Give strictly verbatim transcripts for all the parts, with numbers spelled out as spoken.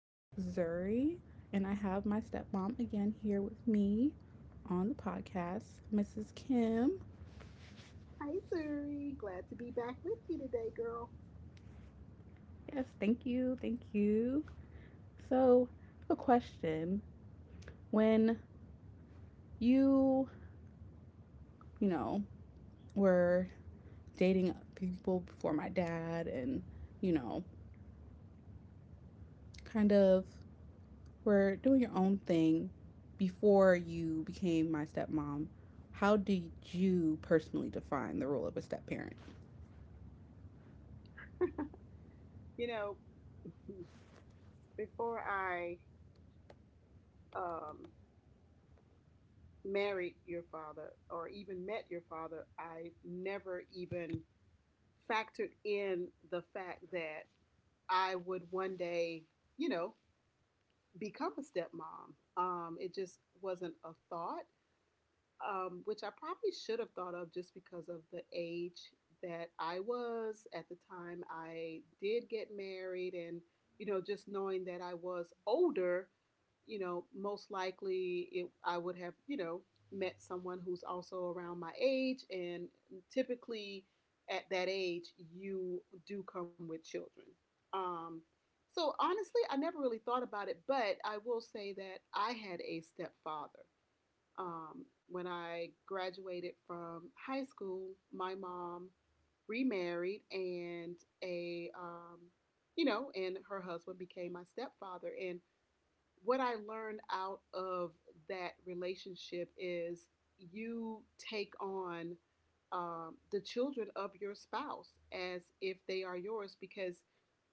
It's Zuri, and I have my stepmom again here with me on the podcast, Missus Kim. Hi, Suri. Glad to be back with you today, girl. Yes, thank you, thank you. So, a question. When you, you know, were dating people before my dad and, you know, kind of were doing your own thing before you became my stepmom, how did you personally define the role of a step parent? You know, before I um, married your father or even met your father, I never even factored in the fact that I would one day, you know, become a stepmom. Um, it just wasn't a thought. Um, which I probably should have thought of just because of the age that I was at the time I did get married, and you know, just knowing that I was older, you know, most likely it, I would have, you know, met someone who's also around my age, and typically at that age, you do come with children. Um, so honestly, I never really thought about it, but I will say that I had a stepfather. Um, when I graduated from high school, my mom remarried and a um, you know, and her husband became my stepfather. And what I learned out of that relationship is you take on um, the children of your spouse as if they are yours because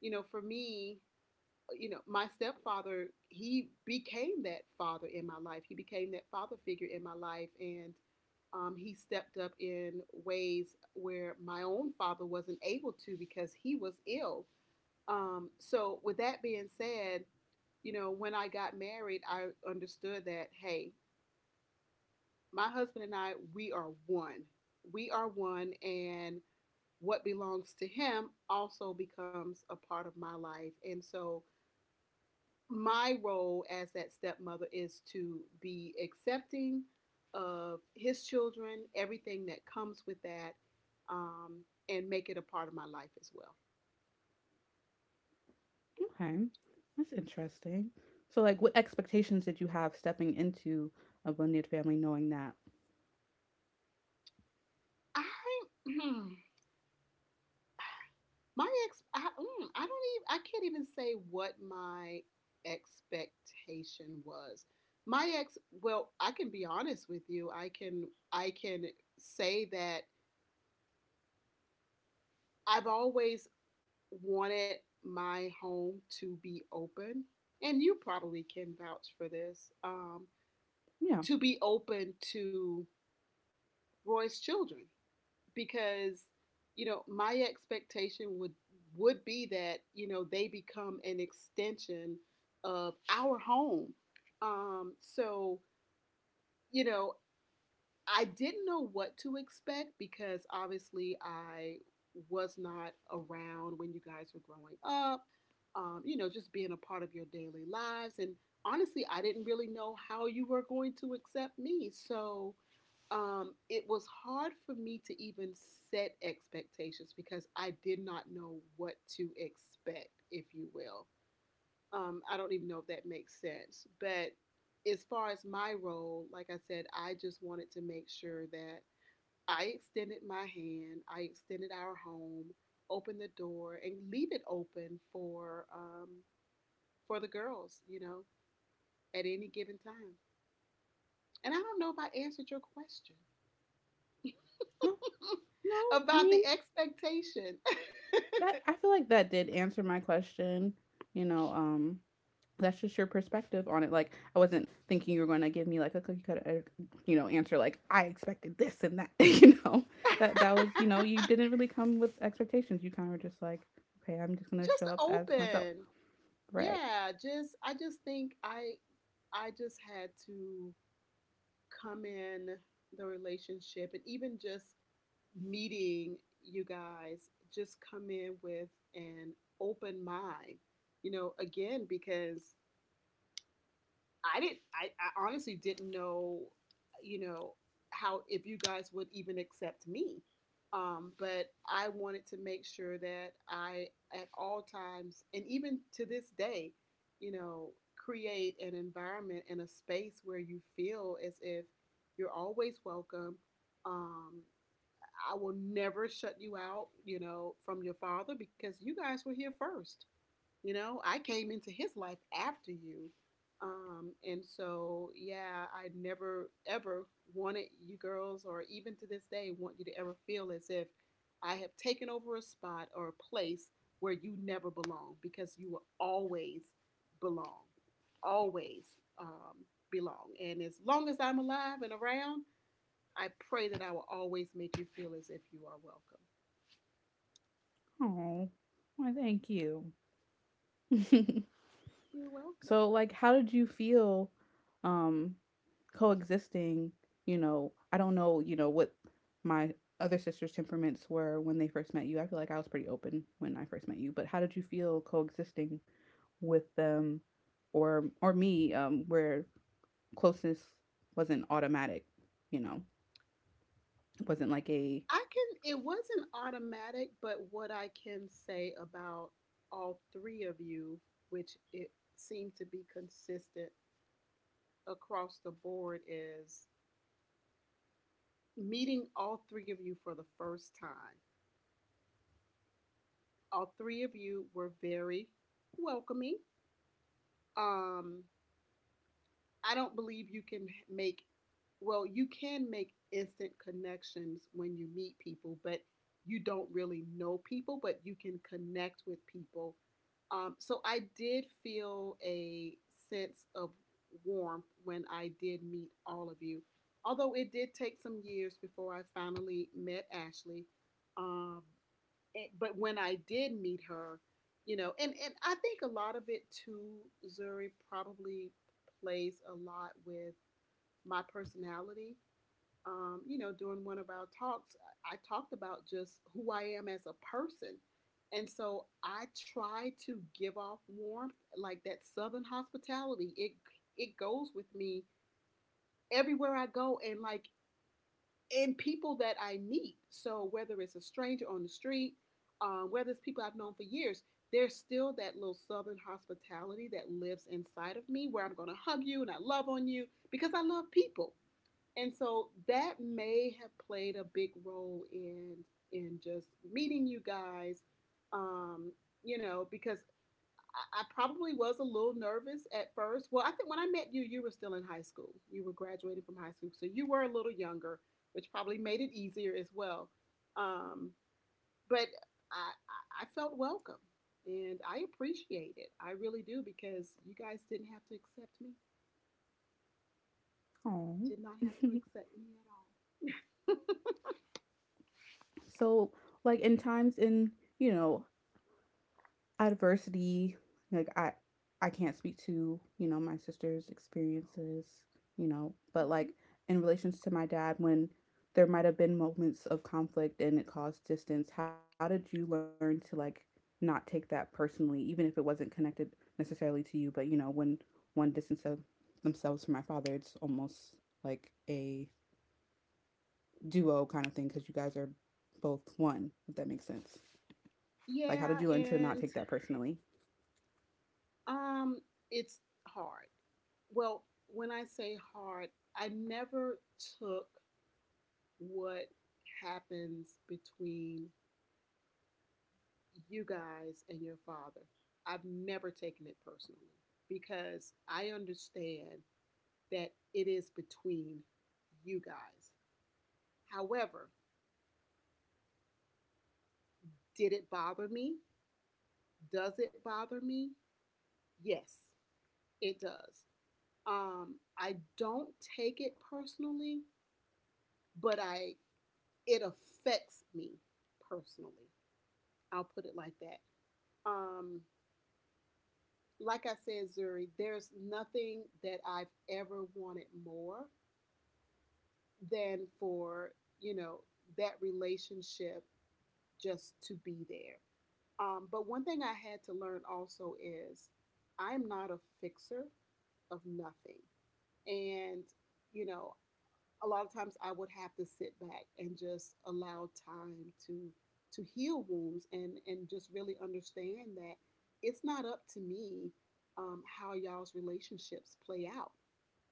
you know for me you know, my stepfather, he became that father in my life. He became that father figure in my life. And um, he stepped up in ways where my own father wasn't able to because he was ill. Um, so, with that being said, you know, when I got married, I understood that, hey, my husband and I, we are one. We are one. And what belongs to him also becomes a part of my life. And so, my role as that stepmother is to be accepting of his children, everything that comes with that, um, and make it a part of my life as well. Okay, that's interesting. So, like, what expectations did you have stepping into a blended family, knowing that? I my ex I, mm, I don't even I can't even say what my expectation was. My ex Well, I can be honest with you. I can I can say that I've always wanted my home to be open, and you probably can vouch for this, um, Yeah. to be open to Roy's children because you know my expectation would would be that you know they become an extension of our home. Um, so you know I didn't know what to expect because obviously I was not around when you guys were growing up, um, you know, just being a part of your daily lives. And honestly, I didn't really know how you were going to accept me. So um, it was hard for me to even set expectations because I did not know what to expect, if you will. Um, I don't even know if that makes sense. But as far as my role, like I said, I just wanted to make sure that I extended my hand, I extended our home, opened the door, and leave it open for um, for the girls, you know, at any given time. And I don't know if I answered your question Oh no, I about the mean expectation. that. I feel like that did answer my question. You know, um, that's just your perspective on it. Like, I wasn't thinking you were going to give me like a cookie cutter, uh, you know, answer like I expected this and that. You know, that that was, you know, you didn't really come with expectations. You kind of were just like, okay, I'm just gonna show Just up as myself, open. right? Yeah, just I just think I I just had to come in the relationship and even just meeting you guys, just come in with an open mind, you know, again, because I didn't. I, I honestly didn't know, you know, how if you guys would even accept me. Um, but I wanted to make sure that I, at all times, and even to this day, you know, create an environment and a space where you feel as if you're always welcome. Um, I will never shut you out, you know, from your father because you guys were here first. You know, I came into his life after you. Um, and so, yeah, I never ever wanted you girls, or even to this day, want you to ever feel as if I have taken over a spot or a place where you never belong because you will always belong, always um, belong. And as long as I'm alive and around, I pray that I will always make you feel as if you are welcome. Oh, why? Thank you. You're welcome. So like how did you feel um coexisting, you know, I don't know, you know, what my other sisters' temperaments were when they first met you. I feel like I was pretty open when I first met you, but how did you feel coexisting with them or or me um where closeness wasn't automatic, you know, wasn't like a I can, it wasn't automatic, but what I can say about all three of you, which it seemed to be consistent across the board, is meeting all three of you for the first time. All three of you were very welcoming. Um, I don't believe you can make well, you can make instant connections when you meet people, but you don't really know people, but you can connect with people. Um, so I did feel a sense of warmth when I did meet all of you, although it did take some years before I finally met Ashley. Um, but when I did meet her, you know, and and I think a lot of it too, Zuri probably plays a lot with my personality. Um, you know, during one of our talks, I talked about just who I am as a person. And so I try to give off warmth, like that southern hospitality. It it goes with me everywhere I go and like and people that I meet. So whether it's a stranger on the street, uh, whether it's people I've known for years, there's still that little southern hospitality that lives inside of me where I'm going to hug you and I love on you because I love people. And so that may have played a big role in in just meeting you guys um, you know, because I, probably was a little nervous at first. Well, I think when I met you, you were still in high school. You were graduating from high school, so you were a little younger, which probably made it easier as well. Um, but I, I felt welcome, and I appreciate it. I really do because you guys didn't have to accept me. Oh. Did not have to accept me at all. So like in times in, you know, adversity, like I I can't speak to, you know, my sister's experiences, you know, but like Mm-hmm. in relations to my dad when there might have been moments of conflict and it caused distance, how did you learn to like not take that personally even if it wasn't connected necessarily to you, but you know, when one distance of themselves from my father, it's almost like a duo kind of thing because you guys are both one, if that makes sense. Like, how did you learn to Yeah, not take that and personally? um, it's hard. Well, when I say hard, I never took what happens between you guys and your father. I've never taken it personally because I understand that it is between you guys. However, did it bother me? Does it bother me? Yes, it does. Um, I don't take it personally, but I it affects me personally. I'll put it like that. Um, Like I said, Zuri, there's nothing that I've ever wanted more than for, you know, that relationship just to be there. Um, but one thing I had to learn also is I'm not a fixer of nothing. And, you know, a lot of times I would have to sit back and just allow time to to heal wounds and and just really understand that it's not up to me um, how y'all's relationships play out.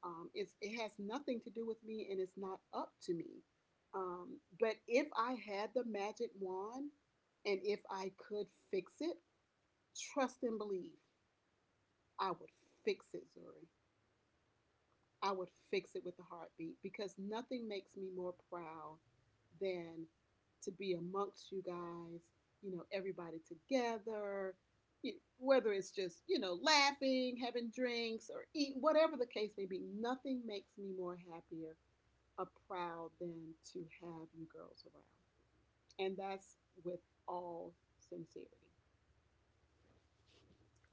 Um, it's it has nothing to do with me and it's not up to me. Um, but if I had the magic wand and if I could fix it, trust and believe I would fix it, Zuri. I would fix it with a heartbeat because nothing makes me more proud than to be amongst you guys, you know, everybody together, whether it's just, you know, laughing, having drinks, or eating, whatever the case may be, nothing makes me more happier or proud than to have you girls around. And that's with all sincerity.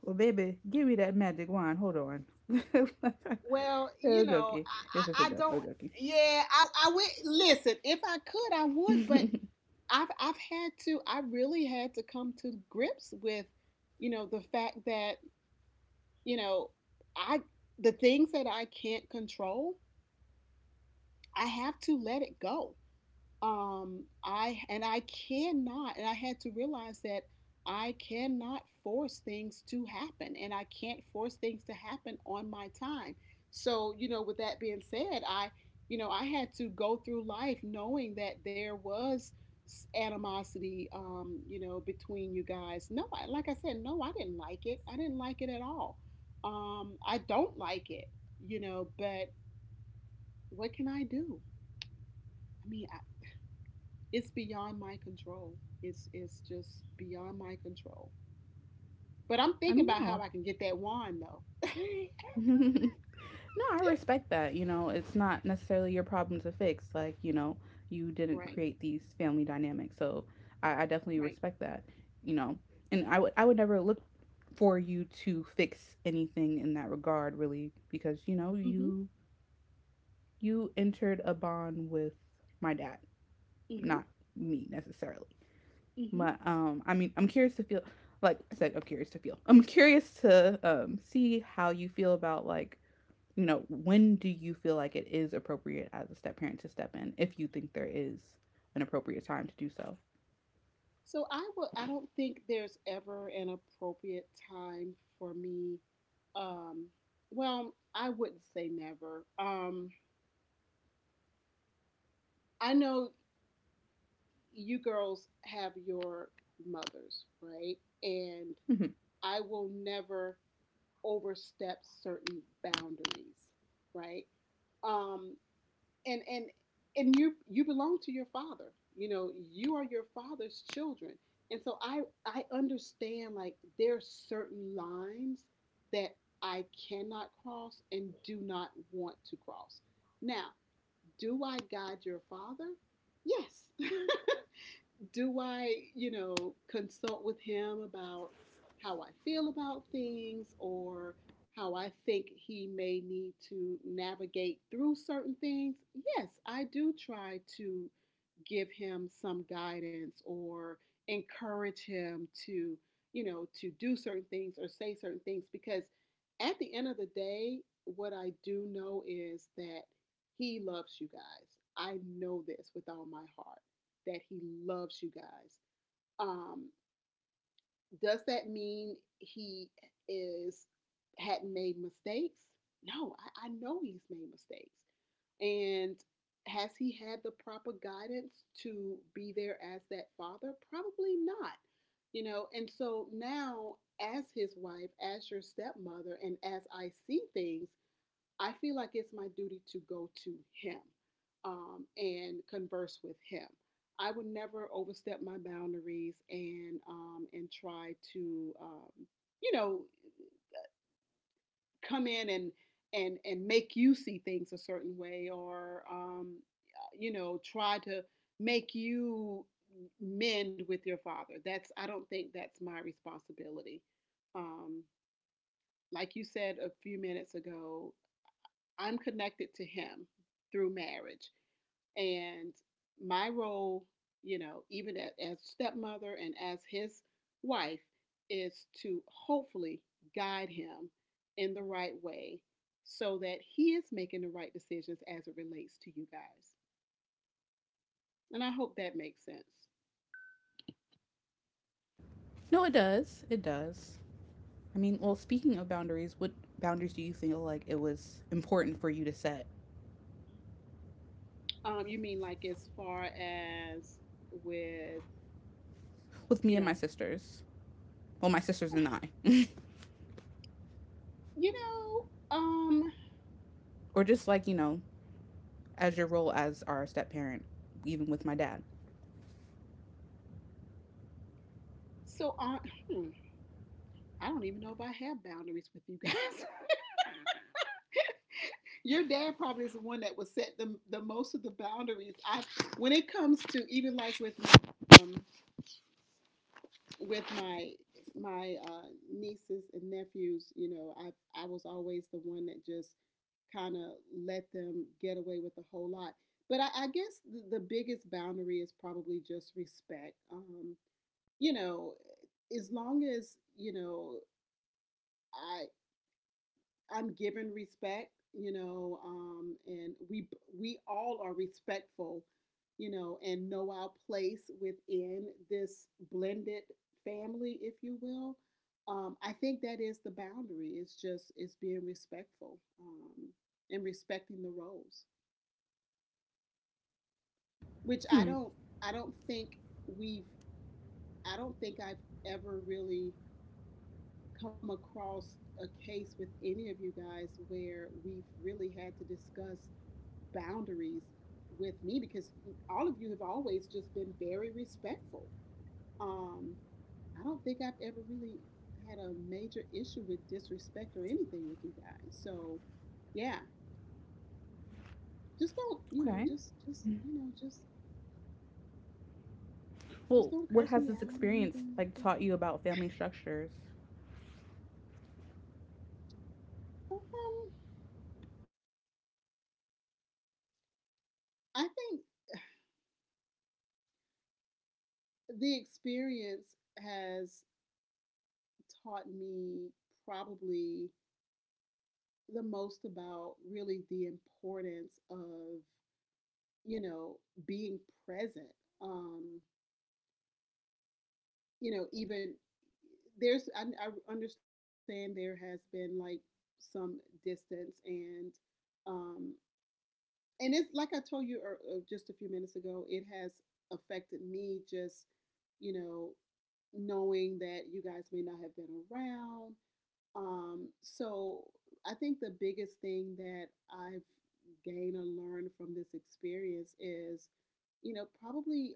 Well, baby, give me that magic wand. Hold on. I Well, you know, joking. It's just I, I, a I joke. don't, I'm joking. yeah, I, I would, listen, if I could, I would, but I've I've had to I really had to come to grips with, you know, the fact that, you know, I the things that I can't control, I have to let it go um I and i cannot and I had to realize that I cannot force things to happen and I can't force things to happen on my time. So you know with that being said I you know I had to go through life knowing that there was animosity um you know between you guys. No I, like I said, no, I didn't like it, I didn't like it at all. um I don't like it, you know, but what can I do? i mean I, it's beyond my control. It's it's just beyond my control. But I'm I thinking mean, about how no. I can get that wand though. No, I respect that. You know, it's not necessarily your problem to fix. Like, you know, you didn't Right, create these family dynamics. So I, I definitely right. respect that, you know. And I would I would never look for you to fix anything in that regard really because, you know, Mhm, you you entered a bond with my dad, mhm, not me necessarily. mhm. But um, I mean, I'm curious to feel like I said, I'm curious to feel. I'm curious to um see how you feel about like you know when do you feel like it is appropriate as a step parent to step in if you think there is an appropriate time to do so. So I will. I don't think there's ever an appropriate time for me. Um, well, I wouldn't say never. Um, I know you girls have your mothers, right? And Hmm. I will never overstep certain boundaries, right? Um, and and and you you belong to your father. You know, you are your father's children. And so I I understand like there are certain lines that I cannot cross and do not want to cross. Now, do I guide your father? Yes. Do I, you know, consult with him about how I feel about things or how I think he may need to navigate through certain things? Yes, I do try to give him some guidance or encourage him to, you know, to do certain things or say certain things because at the end of the day, what I do know is that he loves you guys. I know this with all my heart that he loves you guys. Um, does that mean he is hadn't made mistakes? No, I, I know he's made mistakes. And has he had the proper guidance to be there as that father? Probably not. You know, and so now as his wife, as your stepmother, and as I see things, I feel like it's my duty to go to him, um, and converse with him. I would never overstep my boundaries and um, and try to um, you know come in and and and make you see things a certain way or um, you know try to make you mend with your father. That's I don't think that's my responsibility. Um, like you said a few minutes ago, I'm connected to him through marriage. And my role, you know, even as stepmother and as his wife, is to hopefully guide him in the right way so that he is making the right decisions as it relates to you guys. And I hope that makes sense. No, it does. It does. I mean, well, speaking of boundaries, what boundaries do you feel like it was important for you to set Um, you mean like as far as with with you me and my know, sisters? Well, my sisters and I, you know, um, or just like you know, as your role as our step parent, even with my dad. so on. Hmm, I don't even know if I have boundaries with you guys. Your dad probably is the one that will set the the most of the boundaries. I when it comes to even like with my, um, with my my uh, nieces and nephews, you know, I I was always the one that just kind of let them get away with a whole lot. But I, I guess the, the biggest boundary is probably just respect. Um, you know, as long as you know, I I'm given respect, you know, um, and we we all are respectful, you know, and know our place within this blended family, if you will. Um, I think that is the boundary. It's just it's being respectful, um, and respecting the roles, which I Hmm. don't I don't think we've I don't think I've ever really come across a case with any of you guys where we've really had to discuss boundaries with me because all of you have always just been very respectful. Um, I don't think I've ever really had a major issue with disrespect or anything with you guys. So, yeah, just don't, you know, Okay. just, just, you know, just, just Well, don't what curse has me this out or experience anything like like taught that. you about family structures? Um, I think the experience has taught me probably the most about really the importance of you know, being present. Um, you know, even there's, I, I understand there has been like some distance and, um, and it's like I told you er- er, just a few minutes ago, it has affected me just, you know, knowing that you guys may not have been around. Um, so I think the biggest thing that I've gained or learned from this experience is you know, probably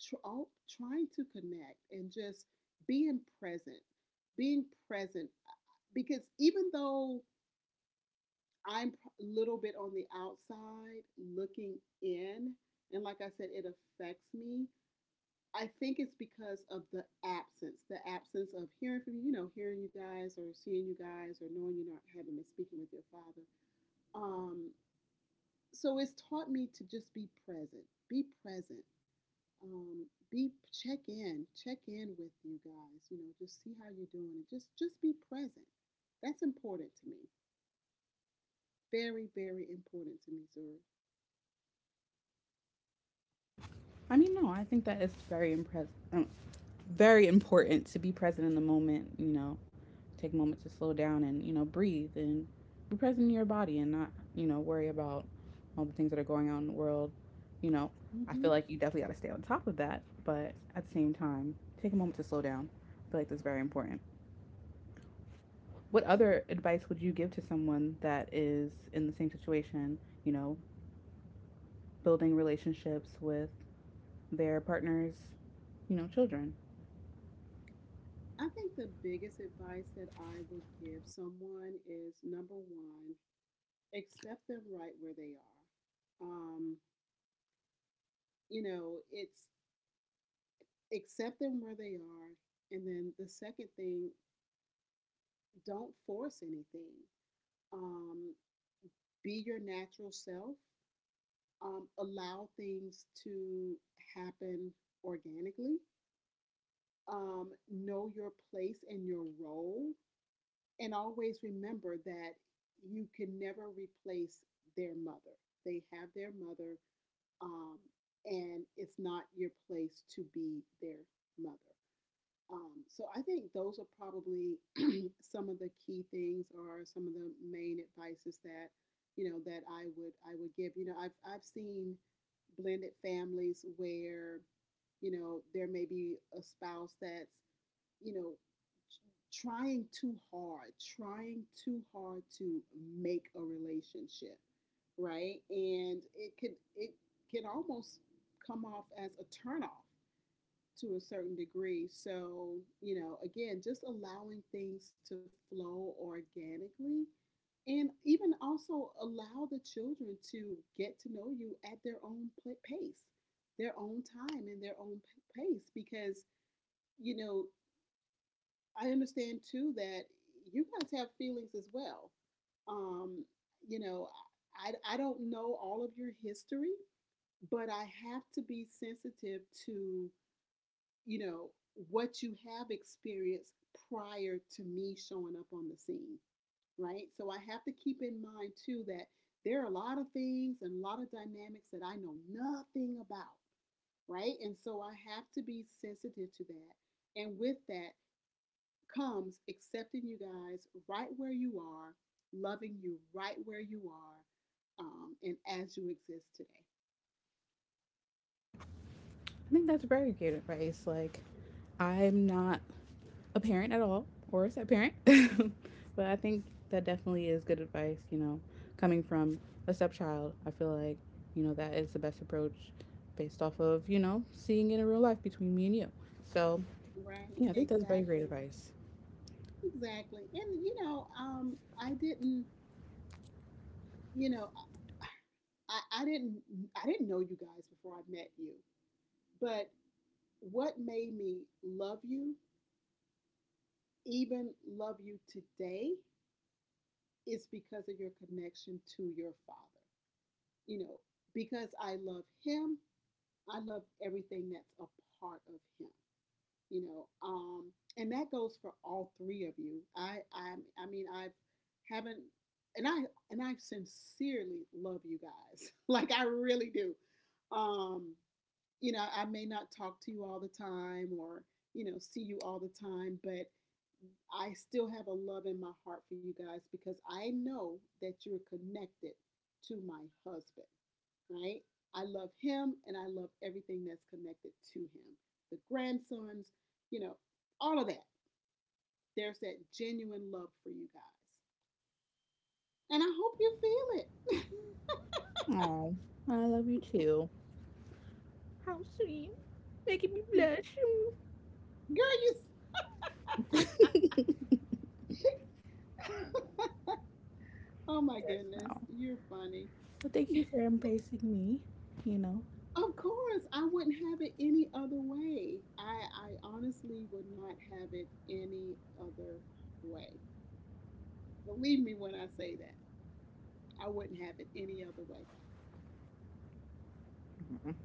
tr- all, trying to connect and just being present, being present. uh, Because even though I'm a little bit on the outside looking in, and like I said, it affects me. I think it's because of the absence, the absence of hearing from you, you know, hearing you guys or seeing you guys or knowing you're not having been speaking with your father. Um, so it's taught me to just be present, be present, um, be check in, check in with you guys. You know, just see how you're doing, and just just be present. That's important to me. Very, very important to me, Zuri. I mean, no, I think that it's very impress- um, very important to be present in the moment. You know, take a moment to slow down and you know breathe and be present in your body and not you know worry about all the things that are going on in the world. You know, I Mm-hmm. feel like you definitely got to stay on top of that, but at the same time, take a moment to slow down. I feel like that's very important. What Yeah. other advice would you give to someone that is in the same situation, you know, building relationships with their partner's, you know, children? I think the biggest advice that I would give someone is number one, accept them right where they are. Um, you know, it's accept them where they are. And then the second thing, don't force anything. Um, be your natural self. Um, allow things to happen organically, um, know your place and your role, and always remember that you can never replace their mother. They have their mother, um, and it's not your place to be their mother. Um, so I think those are probably some of the key things or some of the main advices that you know that I would I would give. You know, I've I've seen blended families where you know there may be a spouse that's you know trying too hard, trying too hard to make a relationship, right? And it could it can almost come off as a turnoff to a certain degree. So, you know, again, just allowing things to flow organically and even also allow the children to get to know you at their own pace, their own time, and their own pace. Because, you know, I understand too that you guys have feelings as well. Um, you know, I, I don't know all of your history, but I have to be sensitive to you know, what you have experienced prior to me showing up on the scene, right? So I have to keep in mind too that there are a lot of things and a lot of dynamics that I know nothing about, right? And so I have to be sensitive to that. And with that comes accepting you guys right where you are, loving you right where you are, um, and as you exist today, I think that's very good advice. Like, I'm not a parent at all or a step parent, but I think that definitely is good advice, you know, coming from a stepchild. I feel like, you know, that is the best approach based off of, you know, seeing it in real life between me and you. So, right? yeah, I think that's very great Exactly. advice. Exactly. And you know, um, I didn't you know, I, I didn't I didn't know you guys before I met you, but what made me love you, even love you today, is because of your connection to your father. You know, because I love him, I love everything that's a part of him. You know, um, and that goes for all three of you. I I I mean I've haven't and I and I sincerely love you guys. Like I really do. Um, you know, I may not talk to you all the time or, you know, see you all the time, but I still have a love in my heart for you guys because I know that you're connected to my husband, right? I love him and I love everything that's connected to him. The grandsons, you know, all of that. There's that genuine love for you guys. And I hope you feel it. Oh, I love you too. How sweet. Making me blush. Girl, you. Oh my Yes. goodness, No. you're funny. But thank you for embracing me, you know. Of course, I wouldn't have it any other way. I, I honestly would not have it any other way. Believe me when I say that. I wouldn't have it any other way. Mhm.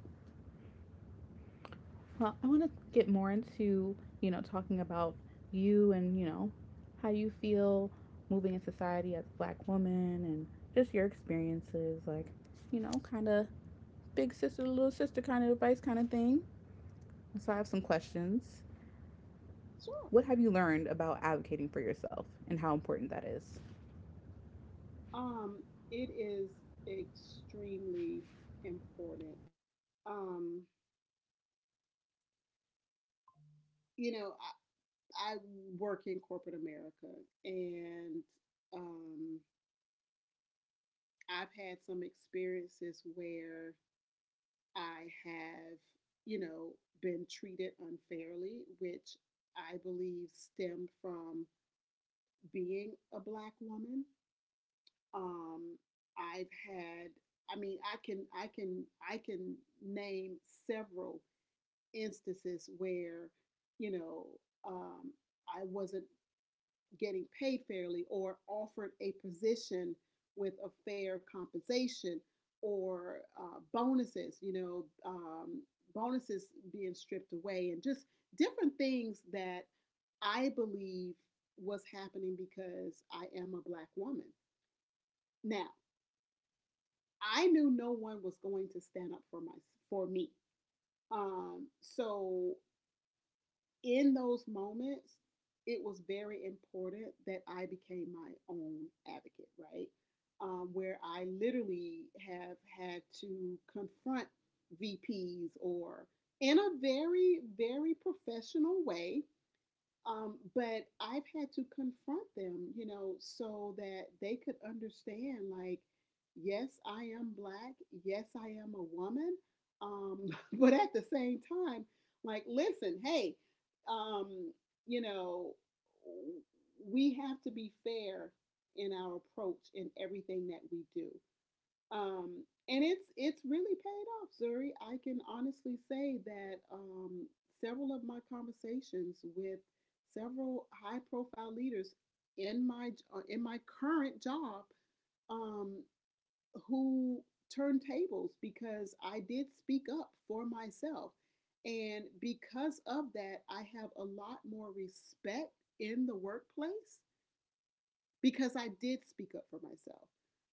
Well, I want to get more into, you know, talking about you and, you know, how you feel moving in society as a black woman and just your experiences, like, you know, kind of big sister, little sister kind of advice kind of thing. So I have some questions. Sure. What have you learned about advocating for yourself and how important that is? Um, it is extremely important. Um, you know, I, I work in corporate America and um, I've had some experiences where I have, you know, been treated unfairly, which I believe stemmed from being a black woman. Um, I've had, I mean, I can, I can, I can name several instances where, you know, um, I wasn't getting paid fairly or offered a position with a fair compensation or uh, bonuses, you know, um, bonuses being stripped away and just different things that I believe was happening because I am a black woman. Now, I knew no one was going to stand up for my for me. Um, so in those moments, it was very important that I became my own advocate, right? Um, where I literally have had to confront V Ps or in a very, very professional way, um, but I've had to confront them, you know, so that they could understand like, yes, I am black. Yes, I am a woman. Um, but at the same time, like, listen, hey, um, you know, we have to be fair in our approach in everything that we do. Um, and it's it's really paid off, Zuri. I can honestly say that um, several of my conversations with several high profile leaders in my uh, in my current job, um, who turned tables because I did speak up for myself. And because of that, I have a lot more respect in the workplace because I did speak up for myself.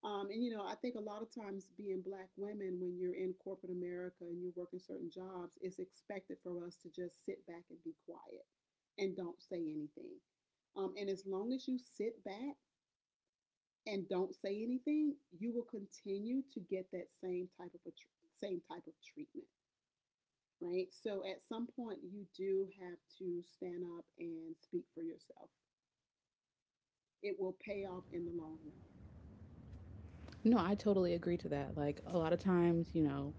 Um, and you know, I think a lot of times being black women, when you're in corporate America and you're working certain jobs, it's expected for us to just sit back and be quiet and don't say anything. Um, and as long as you sit back and don't say anything, you will continue to get that same type of a tr- same type of treatment, right? So at some point, you do have to stand up and speak for yourself. It will pay off in the long run. No, I totally agree to that. Like a lot of times, you know,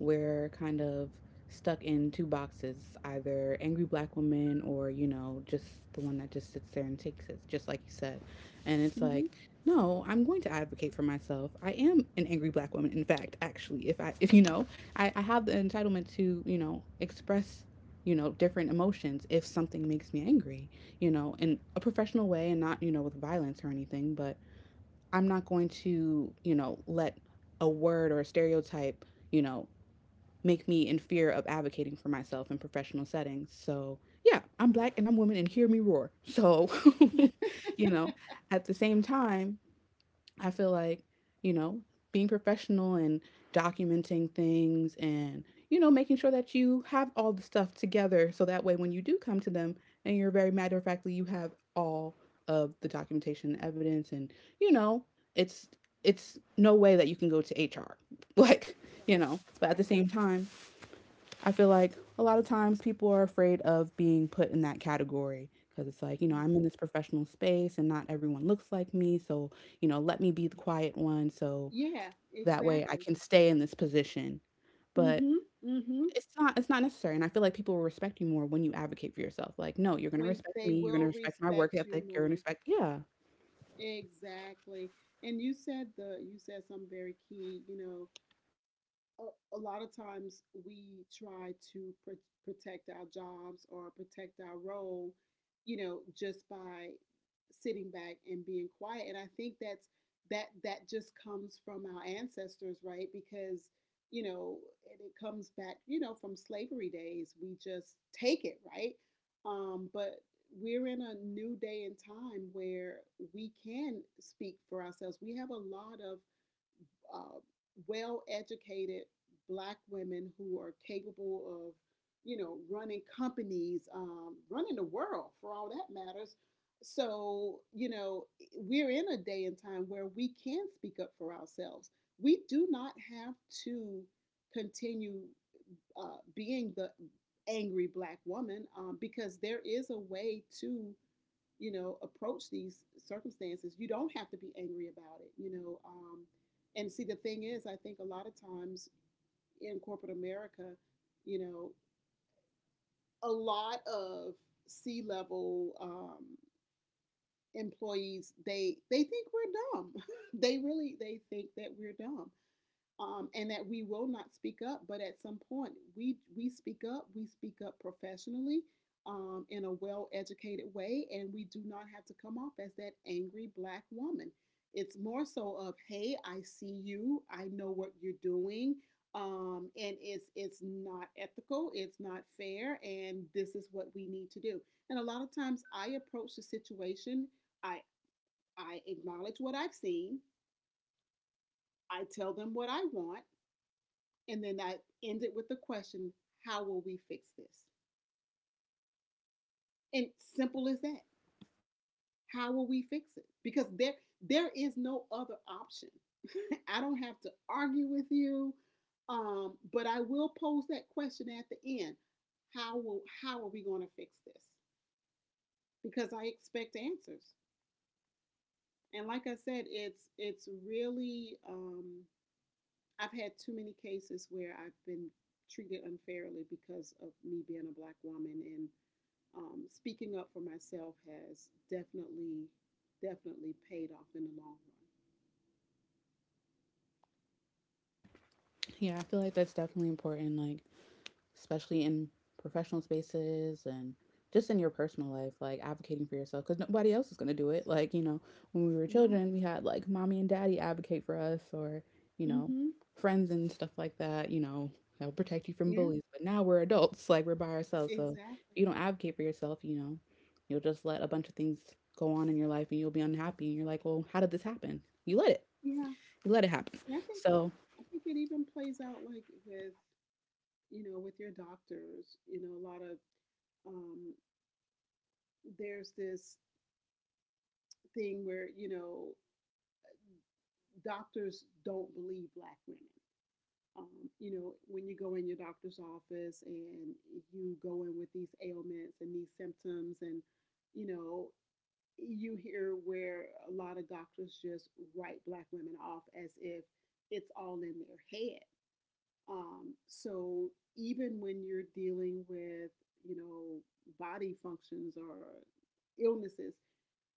we're kind of stuck in two boxes, either angry black woman or, you know, just the one that just sits there and takes it, just like you said. And it's like, Mm-hmm. no, I'm going to advocate for myself. I am an angry black woman, in fact, actually. If I if you know, I, I have the entitlement to, you know, express you know different emotions if something makes me angry you know in a professional way and not you know with violence or anything but I'm not going to, you know, let a word or a stereotype, you know, make me in fear of advocating for myself in professional settings. So, yeah, I'm Right, black and I'm woman and hear me roar. So, you know, at the same time, I feel like, you know, being professional and documenting things and, you know, making sure that you have all the stuff together so that way when you do come to them and you're very matter of factly, you have all of the documentation evidence and, you know, it's it's no way that you can go to H R. Like, you right, know, but at the right. same time, I feel like a lot of times people are afraid of being put in that category because it's like, you know, I'm in Mhm. this professional space and not everyone looks like me. So, you know, let me be the quiet one so Yeah, that way I exactly. can stay in this position. But Mhm. Mhm. it's not it's not necessary and I feel like people will respect you more when you advocate for yourself. Like, no, you're going to When respect they me, you're going to will respect my work respect you ethic, you're going to more. respect Yeah. Exactly. And you said the you said something very key, you know, a, a lot of times we try to pr- protect our jobs or protect our role, you know, just by sitting back and being quiet. And I think that's that that just comes from our ancestors, right? Because you know, and it comes back, you know, from slavery days. We just take it, right? Um, but we're in a new day and time where we can speak for ourselves. We have a lot of uh, well educated black women who are capable of, you know, running companies, um, running the world for all that matters. So, you know, we're in a day and time where we can speak up for ourselves. We do not have to continue uh, being the angry black woman um, because there is a way to, you know, approach these circumstances. You don't have to be angry about it, you know. Um, and see, the thing is, I think a lot of times in corporate America, you know, a lot of C level um, employees, they they think we're dumb. They really, they think that we're dumb, um, and that we will not speak up. But at some point, we we speak up. We speak up professionally um, in a well-educated way, and we do not have to come off as that angry black woman. It's more so of, hey, I see you. I know what you're doing. Um, and it's it's not ethical, it's not fair, and this is what we need to do. And a lot of times, I approach the situation. I I acknowledge what I've seen. I tell them what I want, and then I end it with the question, how will we fix this? And simple as that. How will we fix it? Because there there is no other option. I don't have to argue with you. Um, but I will pose that question at the end. How will how are we going to fix this? Because I expect answers. And like I said, it's it's really um, I've had too many cases where I've been treated unfairly because of me being a black woman, and um, speaking up for myself has definitely, definitely paid off in the long run. Yeah, I feel like that's definitely important like especially in professional spaces and just in your personal life, like advocating for yourself because nobody else is going to do it. Like, you know, when we were No. children, we had like mommy and daddy advocate for us or, you know, Mm-hmm. friends and stuff like that, you know, that will protect you from Yeah. bullies. But now we're adults, like we're by ourselves. So if Exactly. you don't advocate for yourself, you know, you'll just let a bunch of things go on in your life and you'll be unhappy. And you're like, well, how did this happen? You let it, Yeah. you let it happen. And I think, So I think it even plays out like with, you know, with your doctors. You know, a lot of um, there's this thing where, you know, doctors don't believe black women. Um, you know, when you go in your doctor's office and you go in with these ailments and these symptoms, and you know, you hear where a lot of doctors just write black women off as if it's all in their head. Um, so even when you're dealing with, you know, body functions or illnesses,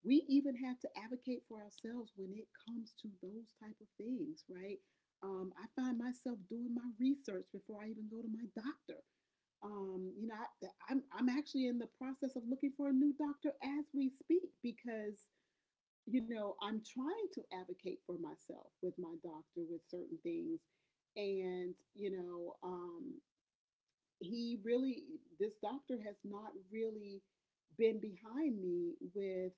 we even have to advocate for ourselves when it comes to those type of things, right? Um, I find myself doing my research before I even go to my doctor. Um, you know, I, am I'm, I'm actually in the process of looking for a new doctor as we speak because, you know, I'm trying to advocate for myself with my doctor with certain things. And, you know, um, he really, this doctor has not really been behind me with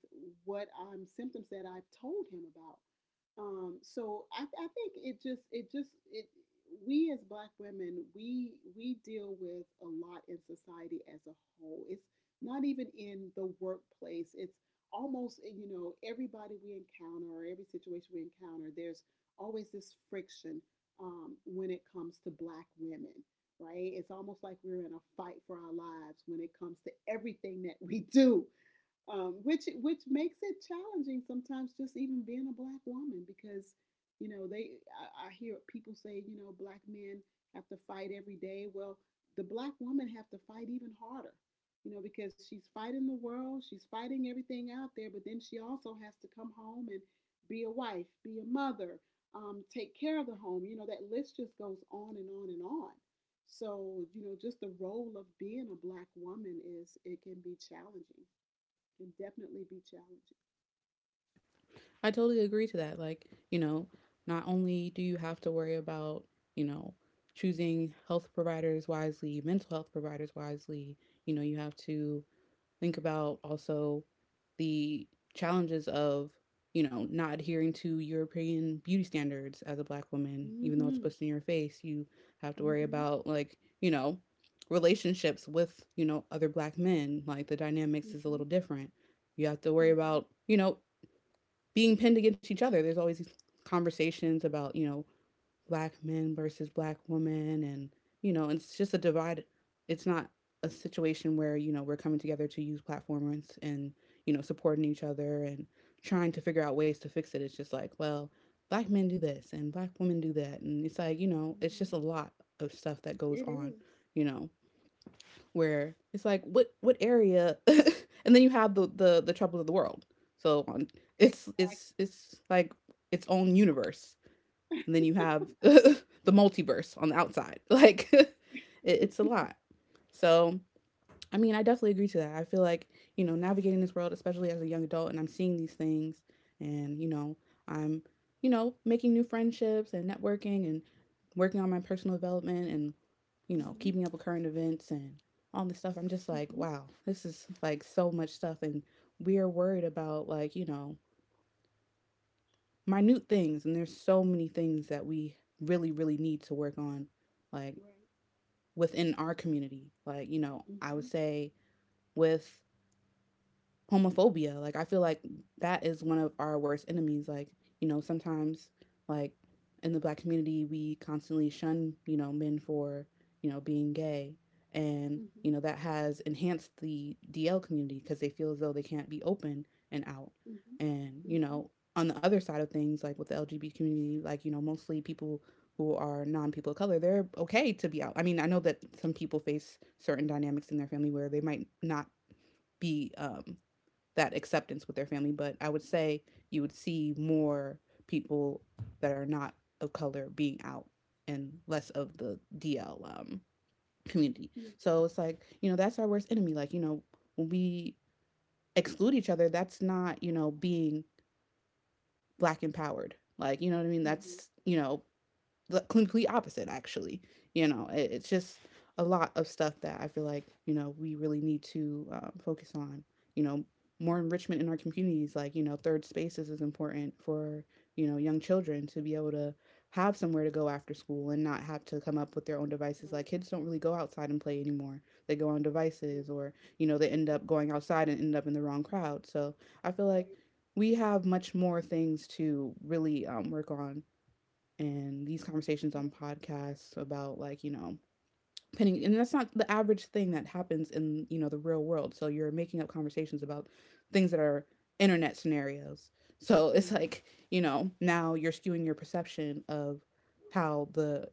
what um, symptoms that I've told him about. Um, so I, I think it just, it just, it, we as black women, we, we deal with a lot in society as a whole. It's not even in the workplace. It's almost, eh, you know, everybody we encounter or every situation we encounter, there's always this friction um, when it comes to black women, right? It's almost like we're in a fight for our lives when it comes to everything that we do, um, which which makes it challenging sometimes just even being a black woman because, you know, they I, I hear people say, you know, black men have to fight every day. Well, the black woman have to fight even harder, you know, because she's fighting the world, she's fighting everything out there, but then she also has to come home and be a wife, be a mother, um, take care of the home, you know. That list just goes on and on and on. So you know, just the role of being a black woman, is it can be challenging, can definitely be challenging. I totally agree to that. Like, you know, not only do you have to worry about, you know, choosing health providers wisely, mental health providers wisely, you know, you have to think about also the challenges of, you know, not adhering to European beauty standards as a black woman, even though it's Mm-hmm. pushed in your face. You have to worry Mm-hmm. about, like, you know, relationships with, you know, other black men. Like, the dynamics is a Mm-hmm. little different. You have to worry Mm-hmm. about, you know, being pinned against each other. There's always these conversations about, you know, black men versus black women and, you know, it's just a divide. It's not a situation where, you know, we're coming together to use platforms and, you know, supporting each other and trying to figure out ways to fix it. It's just like, well, black men do this and black women do that. And it's like, you know, it's Mm-hmm. just a lot of stuff that goes It on, is. you know where it's like what what area and then you have the the the troubles of the world so on Exactly. it's it's it's like its own universe and then you have the multiverse on the outside like it, it's a lot so I mean, I definitely agree to that. I feel like, you know, navigating this world, especially as a young adult, and I'm seeing these things and, you know, I'm, you know, making new friendships and networking and working on my personal development and, you know, Mm-hmm. keeping up with current events and all this stuff. I'm just like, Mm-hmm. wow, this is like so much stuff. And we are worried about like, you know, minute things. And there's so many things that we really, really need to work on, like Right. within our community. Like, you know, I would Mm-hmm. say with homophobia. Like I feel like that is one of our worst enemies. Like, you know, sometimes like in the black community we constantly shun, you know, men for, you know, being gay. And, Mm-hmm. you know, that has enhanced the D L community because they feel as though they can't be open and out. Mm-hmm. And, you Mm-hmm. know, on the other side of things, like with the L G B T community, like, you know, mostly people who are non people of color, they're okay to be out. I mean, I know that some people face certain dynamics in their family where they might not be um, that acceptance with their family. But I would say you would see more people that are not of color being out and less of the D L um, community. Yeah. So it's like, you know, that's our worst enemy. Like, you know, when we exclude each other, that's not, you know, being black empowered. Like, you know what I mean? Mm-hmm. That's, you know, the complete opposite actually. you know it, it's just a lot of stuff that I feel like, you know, we really need to um, focus on. You know, more enrichment in our communities. Like, you know, third spaces is important for, you know, young children to be able to have somewhere to go after school and not have to come up with their own devices. Like kids don't really go outside and play anymore. They go on Right. devices, or, you know, they Right. end Yeah. up going outside and end up in the wrong crowd. So I feel like Exactly. we have much more things to really um, work on. And these conversations Right. Yeah. on podcasts about, like, you know, pinning, and that's not the average thing that happens in, you know, the real world. So you're making up conversations about things that are internet scenarios. So it's Mm-hmm. like, you know, now you're skewing your perception of how the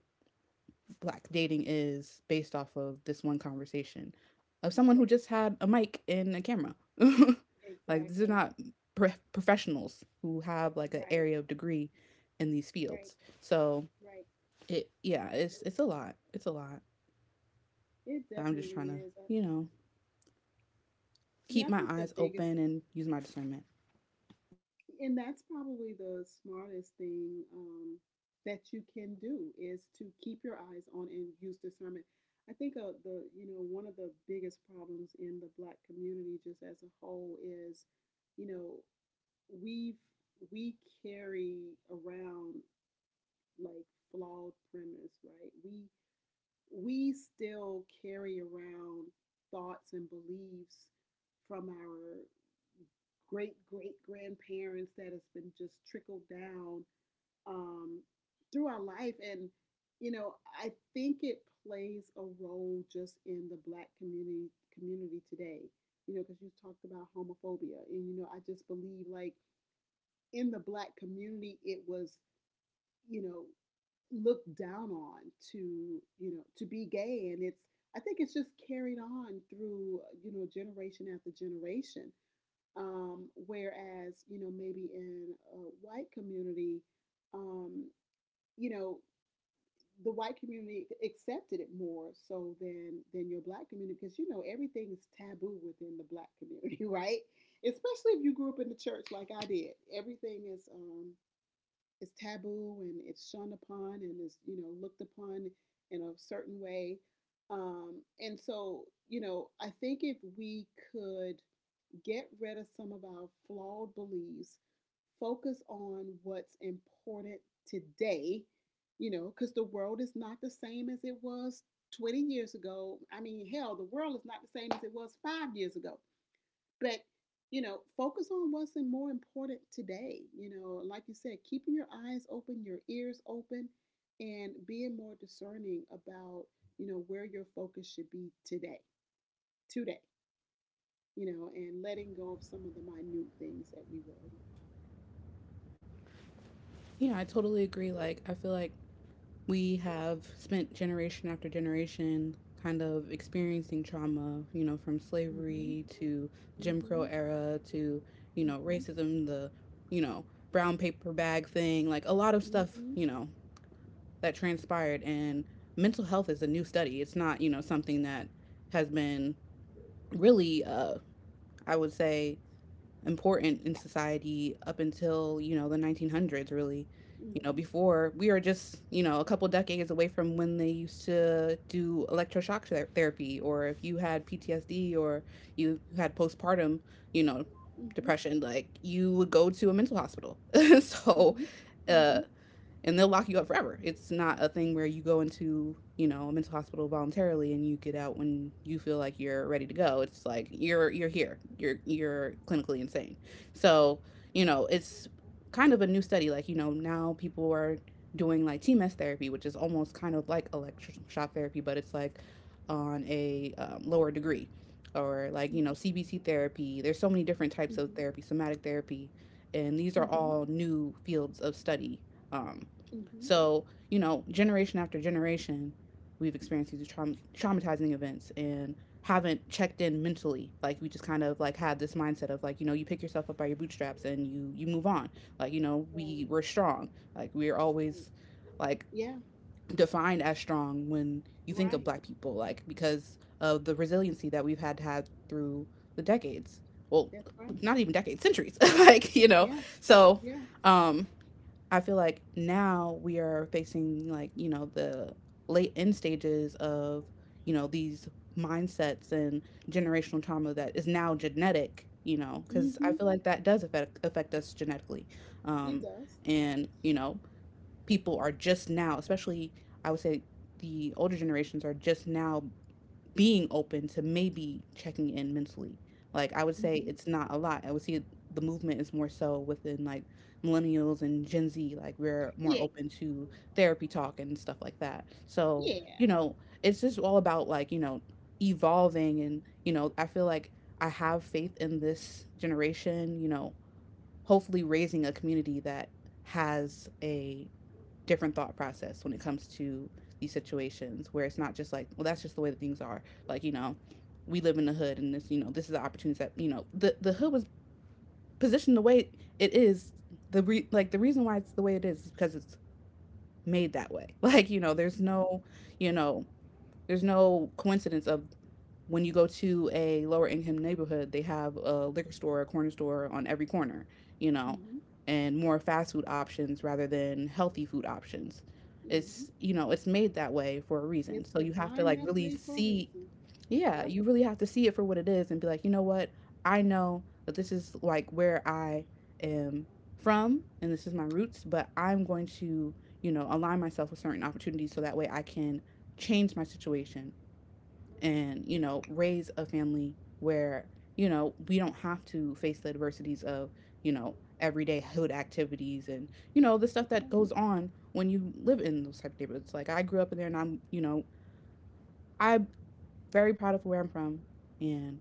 black dating is based off of this one conversation of someone who Right. just had a mic and a camera. Like these are Exactly. not pro- professionals who have like an Right. area of degree in these Right. fields. So Right. it, yeah, it's it's a lot. It's a lot. It I'm just definitely trying to, is. Uh, you know, Yeah, I keep my think the eyes biggest, open and use my discernment. and that's probably the smartest thing um, that you can do is to keep your eyes on and use discernment. I think uh, the, you know, one of the biggest problems in the black community just as a whole is, you know, we've we carry around like flawed premise, right? We we still carry around thoughts and beliefs from our great great grandparents that has been just trickled down, um, through our life. And, you know, I think it plays a role just in the black community community today, you know, because you talked about homophobia. And, you know, I just believe like in the black community, it was, you know, looked down on to, you know, to be gay. And it's, I think it's just carried on through, uh, you know, generation after generation. Um, whereas, you know, maybe in a white community, um, you know, the white community accepted it more so than than your black community, because you know everything is taboo within the black community. Right, especially if you grew up in the church like I did. Everything is um, is taboo, and it's shunned upon and is, you know, looked upon in a certain way, um, and so, you know, I think if we could get rid of some of our flawed beliefs, focus on what's important today, you know, because the world is not the same as it was twenty years ago. I mean, hell, the world is not the same as it was five years ago. But, you know, focus on what's more important today. You know, like you said, keeping your eyes open, your ears open, and being more discerning about, you know, where your focus should be today, today, you know, and letting go of some of the minute things that we worry Yeah, I totally agree. Like I feel like we have spent generation after generation kind of experiencing trauma, you know, from about. slavery Mm-hmm. to Jim Mm-hmm. Crow era to, you know, Mhm, racism, the, you know, brown paper bag thing. Like a lot of stuff, mhm, you know, that transpired. And mental health is a new study. It's not, you know, something that has been really uh I would say important in society up until, you know, the nineteen hundreds, really. You know, mhm, before we are just, you know, a couple decades away from when they used to do electroshock ther- therapy, or if you had P T S D or you had postpartum, you know, mhm, depression, like you would go to a mental hospital. So, mhm, uh, mhm, and they'll lock you up forever. It's not a thing where you go into, you know, a mental hospital voluntarily and you get out when you feel like you're ready to go. It's like you're, you're here. You're you're clinically insane. So, you know, it's kind of a new study. Like, you know, now people are doing like T M S therapy, which is almost kind of like electroshock therapy, but it's like on a um, lower degree, or like, you know, C B T therapy. There's so many different types of mhm, therapy, somatic therapy, and these are mhm, mhm, all new fields of study. um, mhm. so, you know, generation after generation, we've experienced these traum- traumatizing events and haven't checked in mentally. Like we just kind of like had this mindset of, like, you know, you pick yourself up by your bootstraps and you, you move on. Like, you know, we Right, we're strong. Like we're right. always like Yeah, defined as strong when you think of right. black people, like because of the resiliency that we've had to have through the decades. Well, That's right. not even decades, centuries. Like, you know. Yeah, So, yeah. um I feel like now we are facing like, you know, the late end stages of, you know, these mindsets and generational trauma that is now genetic, you know, cuz I Mhm. feel like that does affect affect us genetically. Um It does. and, you know, people are just now, especially I would say the older generations, are just now being open to maybe checking in mentally. Like I would say Mhm. it's not a lot. I would see the movement is more so within like millennials and Gen Z. Like we're more Yeah, open to therapy talk and stuff like that. So, you yeah. know, it's just all about like, you know, evolving. And, you know, I feel like I have faith in this generation, you know, hopefully raising a community that has a different thought process when it comes to these situations, where it's not just like, well, that's just the way that things are. Like, you know, we live in the hood and this, you know, this is the opportunity that, you know, the, the hood was positioned the way it is. The re- like the reason why it's the way it is is because it's made that way. Like, you know, there's Mhm, no, you know, there's no coincidence of when you go to a lower income neighborhood, they have a liquor store, a corner store on every corner, you know, mhm, and more fast food options rather than healthy food options. mhm. It's, you know, it's made that way for a reason. It's So you have to designed like that really way for a see, reason. yeah, Yep, you really have to see it for what it is and be like, you know what? I know that this is like where I am from and this is my roots, but I'm going to, you know, align myself with certain opportunities so that way I can change my situation and, you know, raise a family where, you know, we don't have to face the adversities of, you know, everyday hood activities and, you know, the stuff that's that right. goes on when you live in those type of neighborhoods. Like I grew up in there and I'm, you know, I'm very proud of where I'm from, and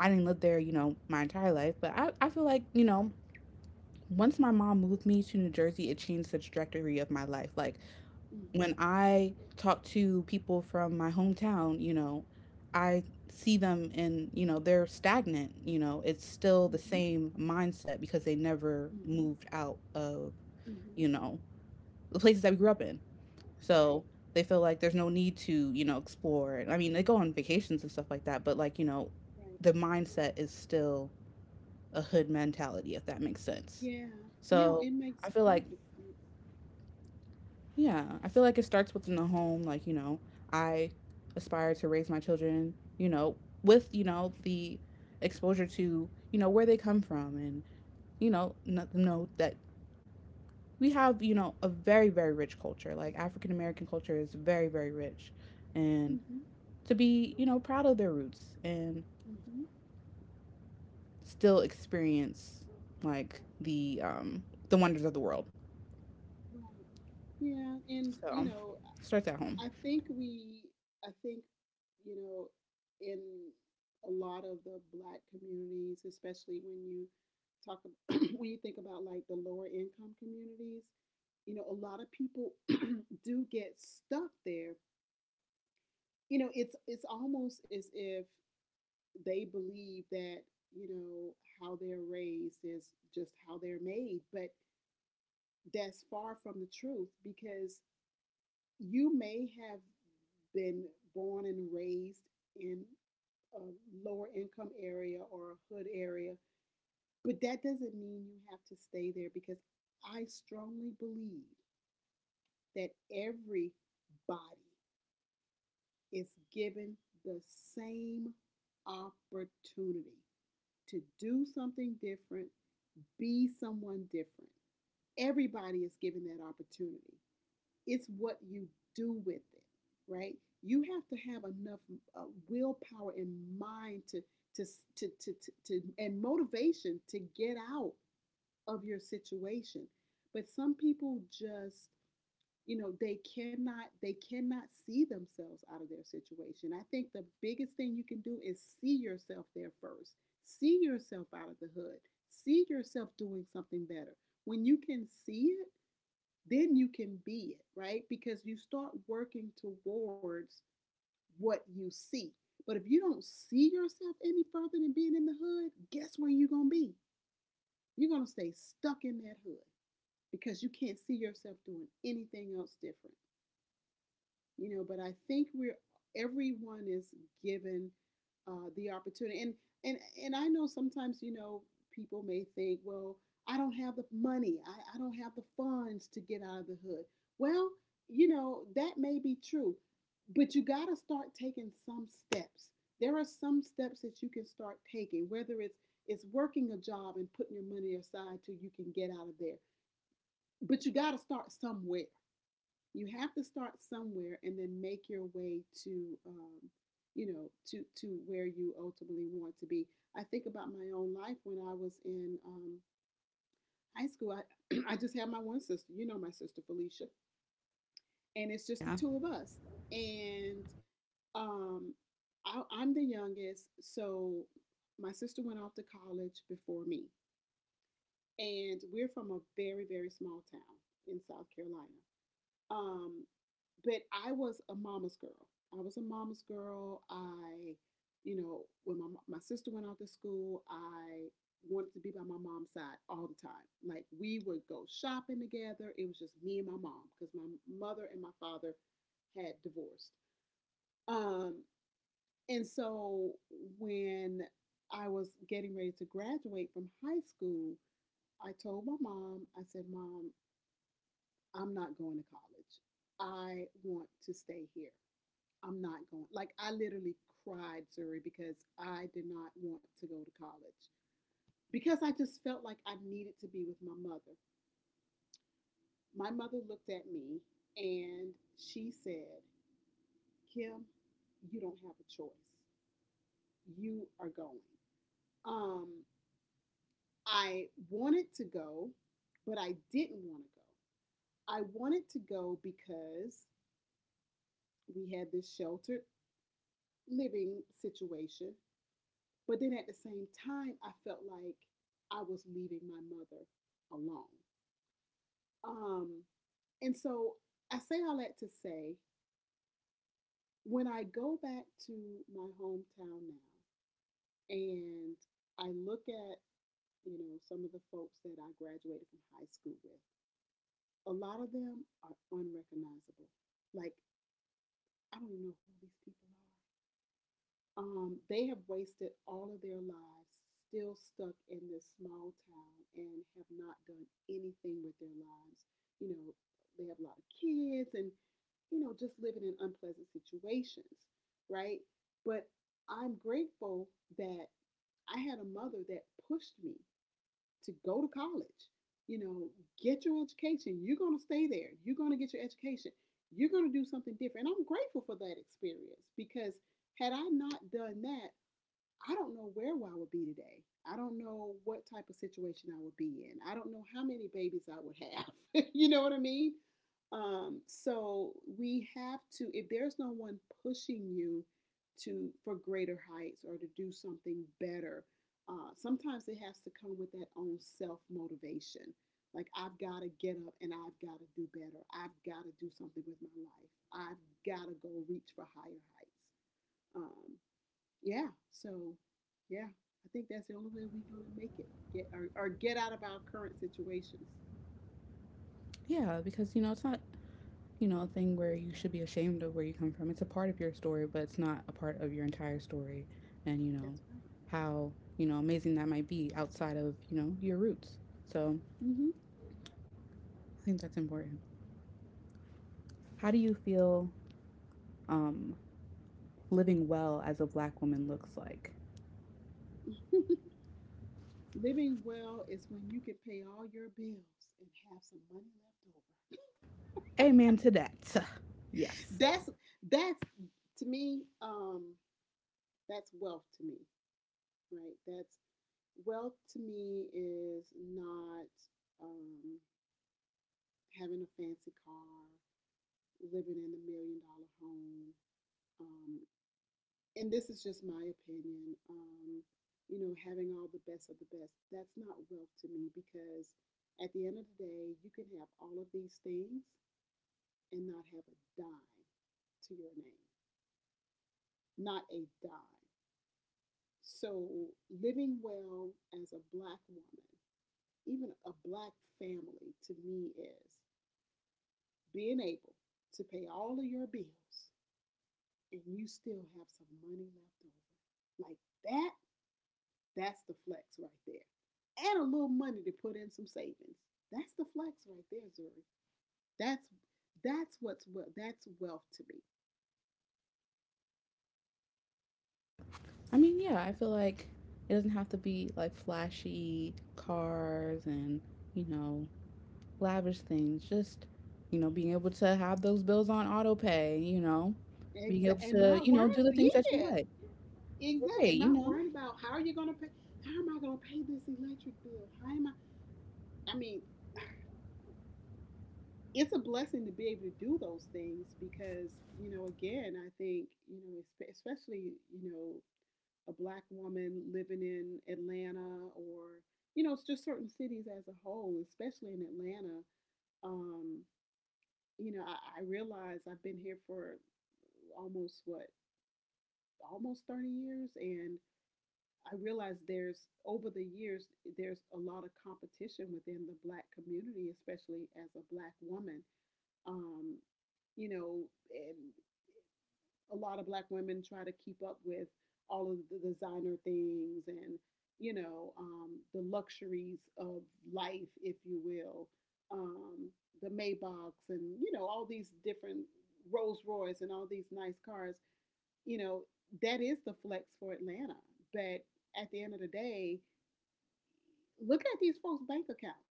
I didn't live there, you know, my entire life. But i, I feel like, you know, once my mom moved me to New Jersey, it changed the trajectory of my life. Like Mhm, when I talk to people from my hometown, you know, I see them and, you know, they're stagnant. You know, it's still the mhm, same mindset because they never mhm, moved out of, you mhm. know, the places that we grew up in. So Right, they feel like there's no need to, you know, explore. I mean, they go on vacations and stuff like that, but like, you know, right. the mindset is still a hood mentality, if that makes sense. Yeah, yeah. So It I makes feel like, perfect sense. yeah, I feel like it starts within the home. Like, you know, I aspire to raise my children, you know, with, you know, the exposure to, you know, where they come from, and, you know, not know that we have, you know, a very, very rich culture. Like, African American culture is very, very rich. And Mhm, to be, you know, proud of their roots and mhm. still experience, like, the, um, the wonders of the world. Right. Yeah, and So, you know, starts at home. I think we, I think, you know, in a lot of the black communities, especially when you talk, about, when you think about like the lower income communities, you know, a lot of people do get stuck there. You know, it's it's almost as if they believe that, you know, how they're raised is just how they're made, but that's far from the truth, because you may have been born and raised in a lower income area or a hood area. But that doesn't mean you have to stay there, because I strongly believe that everybody is given the same opportunity to do something different, be someone different. Everybody is given that opportunity. It's what you do with it, right? You have to have enough uh, willpower and mind to to, to, to, to, to, and motivation to get out of your situation. But some people just, you know, they cannot, they cannot see themselves out of their situation. I think the biggest thing you can do is see yourself there first. See yourself out of the hood. See yourself doing something better. When you can see it, then you can be it, right? Because you start working towards what you see. But if you don't see yourself any further than being in the hood, guess where you're going to be? You're going to stay stuck in that hood because you can't see yourself doing anything else different, you know. But I think we're everyone is given uh, the opportunity, and and and I know sometimes, you know, people may think, well, i don't have the money i, I don't have the funds to get out of the hood. Well, you know, that may be true, but you got to start taking some steps. There are some steps that you can start taking, whether it's it's working a job and putting your money aside till you can get out of there. But you got to start somewhere. You have to start somewhere and then make your way to um, you know, to to where you ultimately want to be. I think about my own life when I was in um, high school. I I just had my one sister, you know, my sister Felicia, and it's just the Yeah. two of us. And um, I, i'm the youngest, so my sister went off to college before me, and we're from a very very small town in South Carolina. Um, but I was a mama's girl. I was a mama's girl. I, you know, when my my sister went out to school, I wanted to be by my mom's side all the time. Like we would go shopping together. It was just me and my mom because my mother and my father had divorced. Um, and so when I was getting ready to graduate from high school, I told my mom, I said, Mom, I'm not going to college. I want to stay here. I'm not going. Like I literally cried, Zuri, because I did not want to go to college because I just felt like I needed to be with my mother. My mother looked at me and she said, "Kim, you don't have a choice. You are going." Um, I wanted to go, but I didn't want to go. I wanted to go because we had this sheltered living situation. But then at the same time, I felt like I was leaving my mother alone. Um, and so I say all that to say when I go back to my hometown now and I look at, you know, some of the folks that I graduated from high school with, a lot of them are unrecognizable. Like, I don't even know who these people are. Um, they have wasted all of their lives still stuck in this small town and have not done anything with their lives. You know, they have a lot of kids and, you know, just living in unpleasant situations, right? But I'm grateful that I had a mother that pushed me to go to college. You know, get your education. You're going to stay there. You're going to get your education. You're going to do something different. And I'm grateful for that experience because had I not done that, I don't know where I would be today. I don't know what type of situation I would be in. I don't know how many babies I would have. You know what I mean? Um, so we have to, if there's no one pushing you to for greater heights or to do something better, uh, sometimes it has to come with that own self motivation. Like I've got to get up and I've got to do better. I've got to do something with my life. I've got to go reach for higher heights. Um, yeah. So, yeah, I think that's the only way we're gonna make it, or get, or, or get out of our current situations. Yeah, because, you know, it's not, you know, a thing where you should be ashamed of where you come from. It's a part of your story, but it's not a part of your entire story. And, you know, That's right. how, you know, amazing that might be outside of, you know, your roots. So Mm-hmm. I think that's important. How do you feel um, living well as a black woman looks like? Living well is when you can pay all your bills and have some money left over. Amen to that. Yes. That's that's to me. Um, that's wealth to me, right? That's wealth to me is not um, having a fancy car, living in a million dollar home, um, and this is just my opinion. um, you know, having all the best of the best, that's not wealth to me because at the end of the day, you can have all of these things and not have a dime to your name, not a dime. So, living well as a black woman, even a black family, to me is being able to pay all of your bills and you still have some money left over. Like that. That's the flex right there. Add a little money to put in some savings. That's the flex right there, Zuri. That's that's what's well that's wealth to me. I mean, yeah, I feel like it doesn't have to be like flashy cars and, you know, lavish things. Just, you know, being able to have those bills on auto pay, you know, being able Exactly, and to, you not know, worrying. do the things that you Yeah, like. exactly, Hey, and you not know. worrying about how are you gonna pay. How am I gonna pay this electric bill? How am I? I mean, it's a blessing to be able to do those things because you know, again, I think you know, especially you know, a black woman living in Atlanta or you know, it's just certain cities as a whole, especially in Atlanta. Um, you know, I, I realize I've been here for almost what almost thirty years and I realize there's over the years there's a lot of competition within the black community, especially as a black woman. Um, you know, and a lot of black women try to keep up with all of the designer things and you know um, the luxuries of life, if you will, um, the Maybachs and you know all these different Rolls Royce and all these nice cars. You know that is the flex for Atlanta, but at the end of the day, look at these folks' bank accounts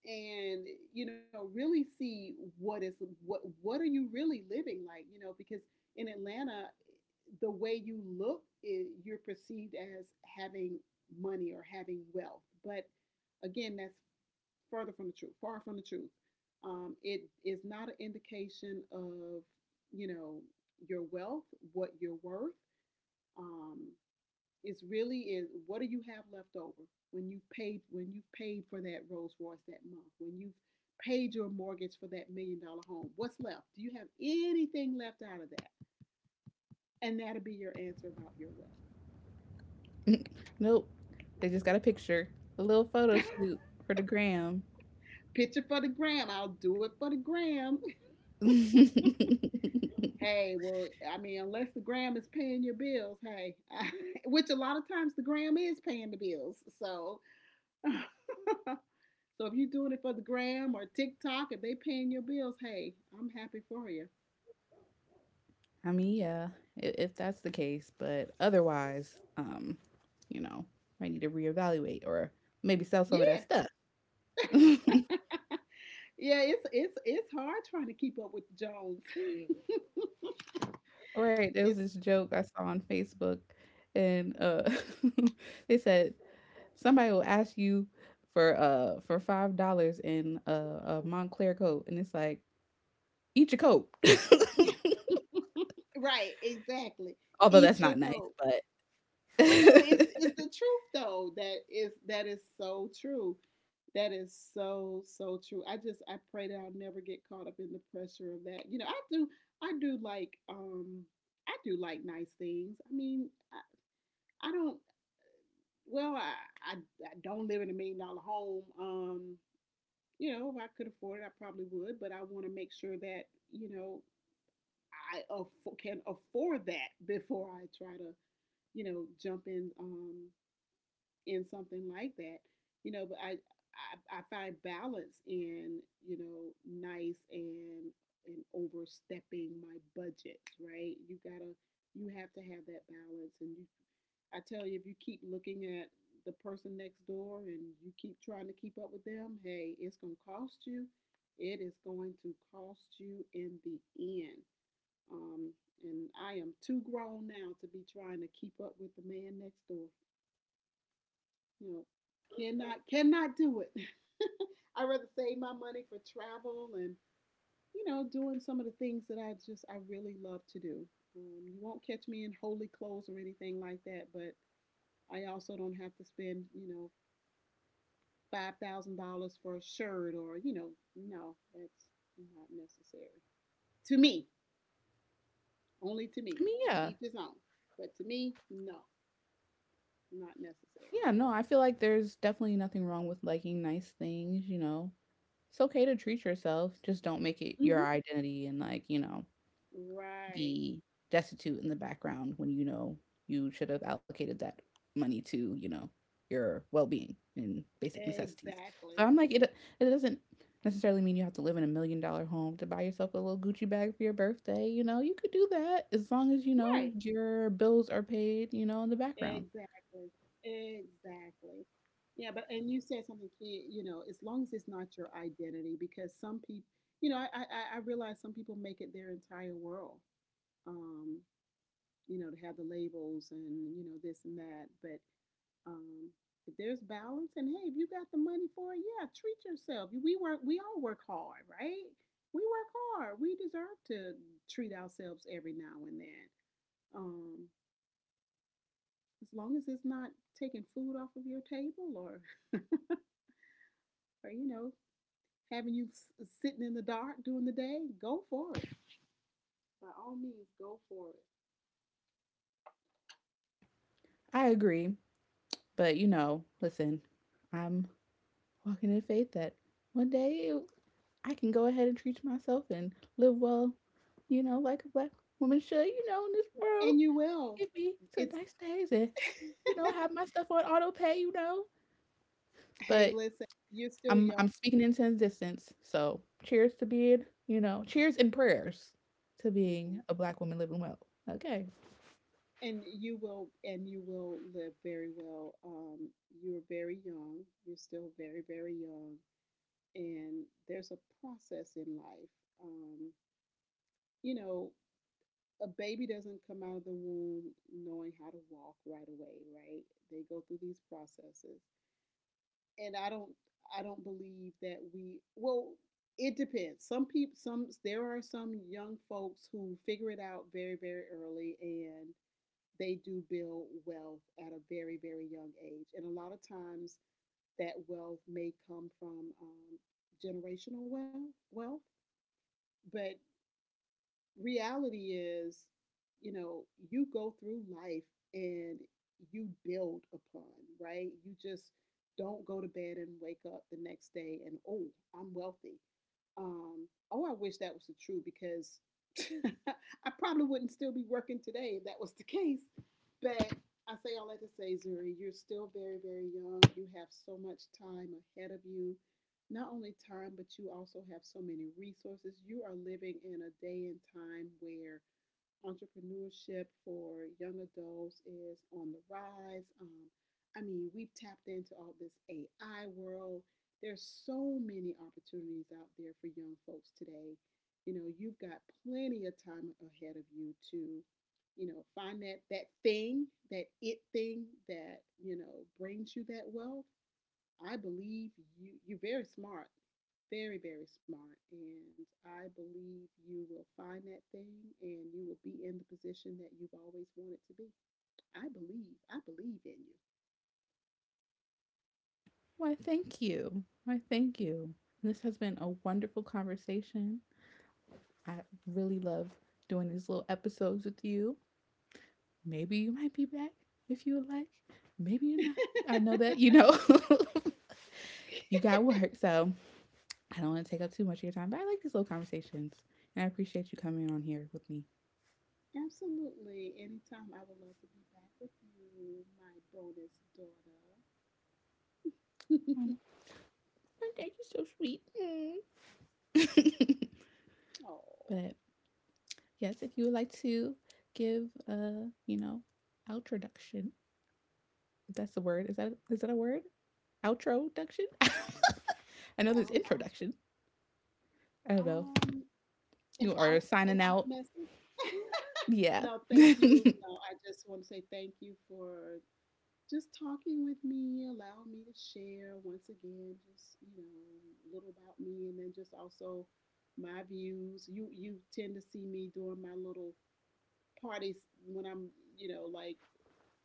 and you know really see what is what what are you really living like, you know, because in Atlanta the way you look is, you're perceived as having money or having wealth but again that's further from the truth, far from the truth. um, it is not an indication of, you know, your wealth, what you're worth. um, it's really is what do you have left over when you've paid when you've paid for that Rolls Royce that month, when you've paid your mortgage for that million dollar home? What's left? Do you have anything left out of that? And that'll be your answer about your Nope. They just got a picture, a little photo wealth. shoot for the gram. Picture for the gram. I'll do it for the gram. I Hey, well, I mean, unless the gram is paying your bills, hey, I, which a lot of times the gram is paying the bills. So, so if you're doing it for the gram or TikTok, if they paying your bills, hey, I'm happy for you. mean, yeah, if, if that's the case, but otherwise, um, you know, might need to reevaluate or maybe sell some of that Yeah. stuff. yeah, it's it's it's hard trying to keep up with Jones. Right, there was it's this joke I saw on Facebook, and uh, they said somebody will ask you for uh for five dollars in a, a Montclair coat, and it's like, eat your coat. right, exactly. Although that's Eat your not nice, coat. but But no, it's I it's the truth though. That is that is so true. That is so so true. I just I pray that I'll never get caught up in the pressure of that. You know, I do I do like um I do like nice things. I mean, I, I don't well I, I I don't live in a million dollar home. Um you know, if I could afford it, I probably would, but I want to make sure that, you know, I aff- can afford that before I try to, you know, jump in um, in something like that. You know, but I, I, I find balance in, you know, nice and and overstepping my budget, right? You gotta you have to have that balance and you I tell you, if you keep looking at the person next door and you keep trying to keep up with them, hey, it's going to cost you. It is going to cost you in the end. Um, and I am too grown now to be trying to keep up with the man next door. You know, cannot cannot do it. I rather save my money for travel and you know doing some of the things that I just I really love to do. Um, you won't catch me in holy clothes or anything like that, but I also don't have to spend, you know, five thousand dollars for a shirt or, you know, no, that's not necessary. To me, only to me. mean, To yeah, each his own. But to me, no, not necessary. yeah. No, I feel like there's definitely nothing wrong with liking nice things. You know, it's okay to treat yourself. Just don't make it your identity, and like, you know, Mm-hmm. Right. be destitute in the background when, you know, you should have allocated that money to, you know, your well-being and basic necessities. So Exactly. I'm like, it it doesn't necessarily mean you have to live in a million dollar home to buy yourself a little Gucci bag for your birthday. You know, you could do that as long as, you know, Right. your bills are paid, you know, in the background. Exactly. Exactly. Yeah, but and you said something key, you know, as long as it's not your identity, because some people, you know, I, I, I realize some people make it their entire world. Um, you know, to have the labels and, you know, this and that. But um, if there's balance and hey, if you got the money for it, yeah, treat yourself. We work, we all work hard, right? We work hard. We deserve to treat ourselves every now and then. Um, as long as it's not taking food off of your table, or, or you know, having you s- sitting in the dark during the day, go for it. By all means, go for it. I agree, but, you know, listen, I'm walking in faith that one day I can go ahead and treat myself and live well, you know, like a black woman should, you know, in this world. And you will. Get me to It's, nice days and, you know, have my stuff on auto pay, you know. hey, But listen, you're still I'm, young. I'm speaking in into distance. So cheers to being, you know, cheers and prayers to Yeah. being a black woman living well. Okay. And you will, and you will live very well. um, you're very young, you're still very very young, and there's a process in life. um, you know, a baby doesn't come out of the womb knowing how to walk right away, right? They go through these processes. And i don't i don't believe that we, well, it depends, some people, some there are some young folks who figure it out very very early and they do build wealth at a very, very young age. And a lot of times that wealth may come from um, generational wealth, wealth. But reality is, you know, you go through life and you build upon, right? You just don't go to bed and wake up the next day and, oh, I'm wealthy. Um, oh, I wish that was the truth because I probably wouldn't still be working today if that was the case. But I say all that to say, Zuri, you're still very, very young. You have so much time ahead of you. Not only time, but you also have so many resources. You are living in a day and time where entrepreneurship for young adults is on the rise. Um, I mean, we've tapped into all this A I world. There's so many opportunities out there for young folks today. You know, you've got plenty of time ahead of you to, you know, find that that thing, that it thing that, you know, brings you that wealth. I believe you. You're very smart, very very smart, and I believe you will find that thing, and you will be in the position that you've always wanted to be. I believe. I believe in you. Why thank you. Why thank you. This has been a wonderful conversation. I really love doing these little episodes with you. Maybe you might be back if you would like. Maybe you're not. I know that, you know. You got work. So I don't want to take up too much of your time, but I like these little conversations. And I appreciate you coming on here with me. Absolutely. Anytime I would love to be back with you, my bonus daughter. Oh, thank you, so sweet. Mm. oh, But yes, if you would like to give a, you know, outroduction, if that's the word, is that, is that a word? Outroduction? I know there's out, out, introduction. I don't know. um, an You are out, an signing out out. message. Yeah. no, thank you. Mm-hmm. No, I just want to say thank you for just talking with me, allowing me to share once again, just you know, a little about me, and then just also my views. You you tend to see me doing my little parties when I'm, you know, like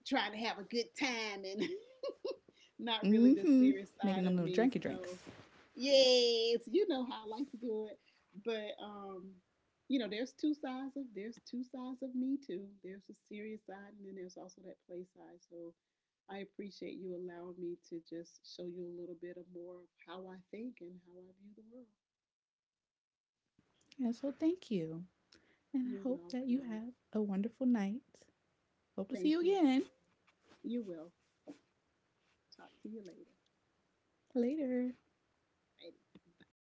trying to have a good time and not really the serious Making side them of little me. drinky So, drinks. yes, you know how I like to do it. But, um, you know, there's two sides of there's two sides of me too. There's the serious side, and then there's also that play side. So, I appreciate you allowing me to just show you a little bit of more of how I think and how I view the world. Yeah, so thank you. And I You're hope that you welcome. have a wonderful night. Hope to see Thank you you, again Zuri. You will. Talk to you later. later. Alrighty. Bye.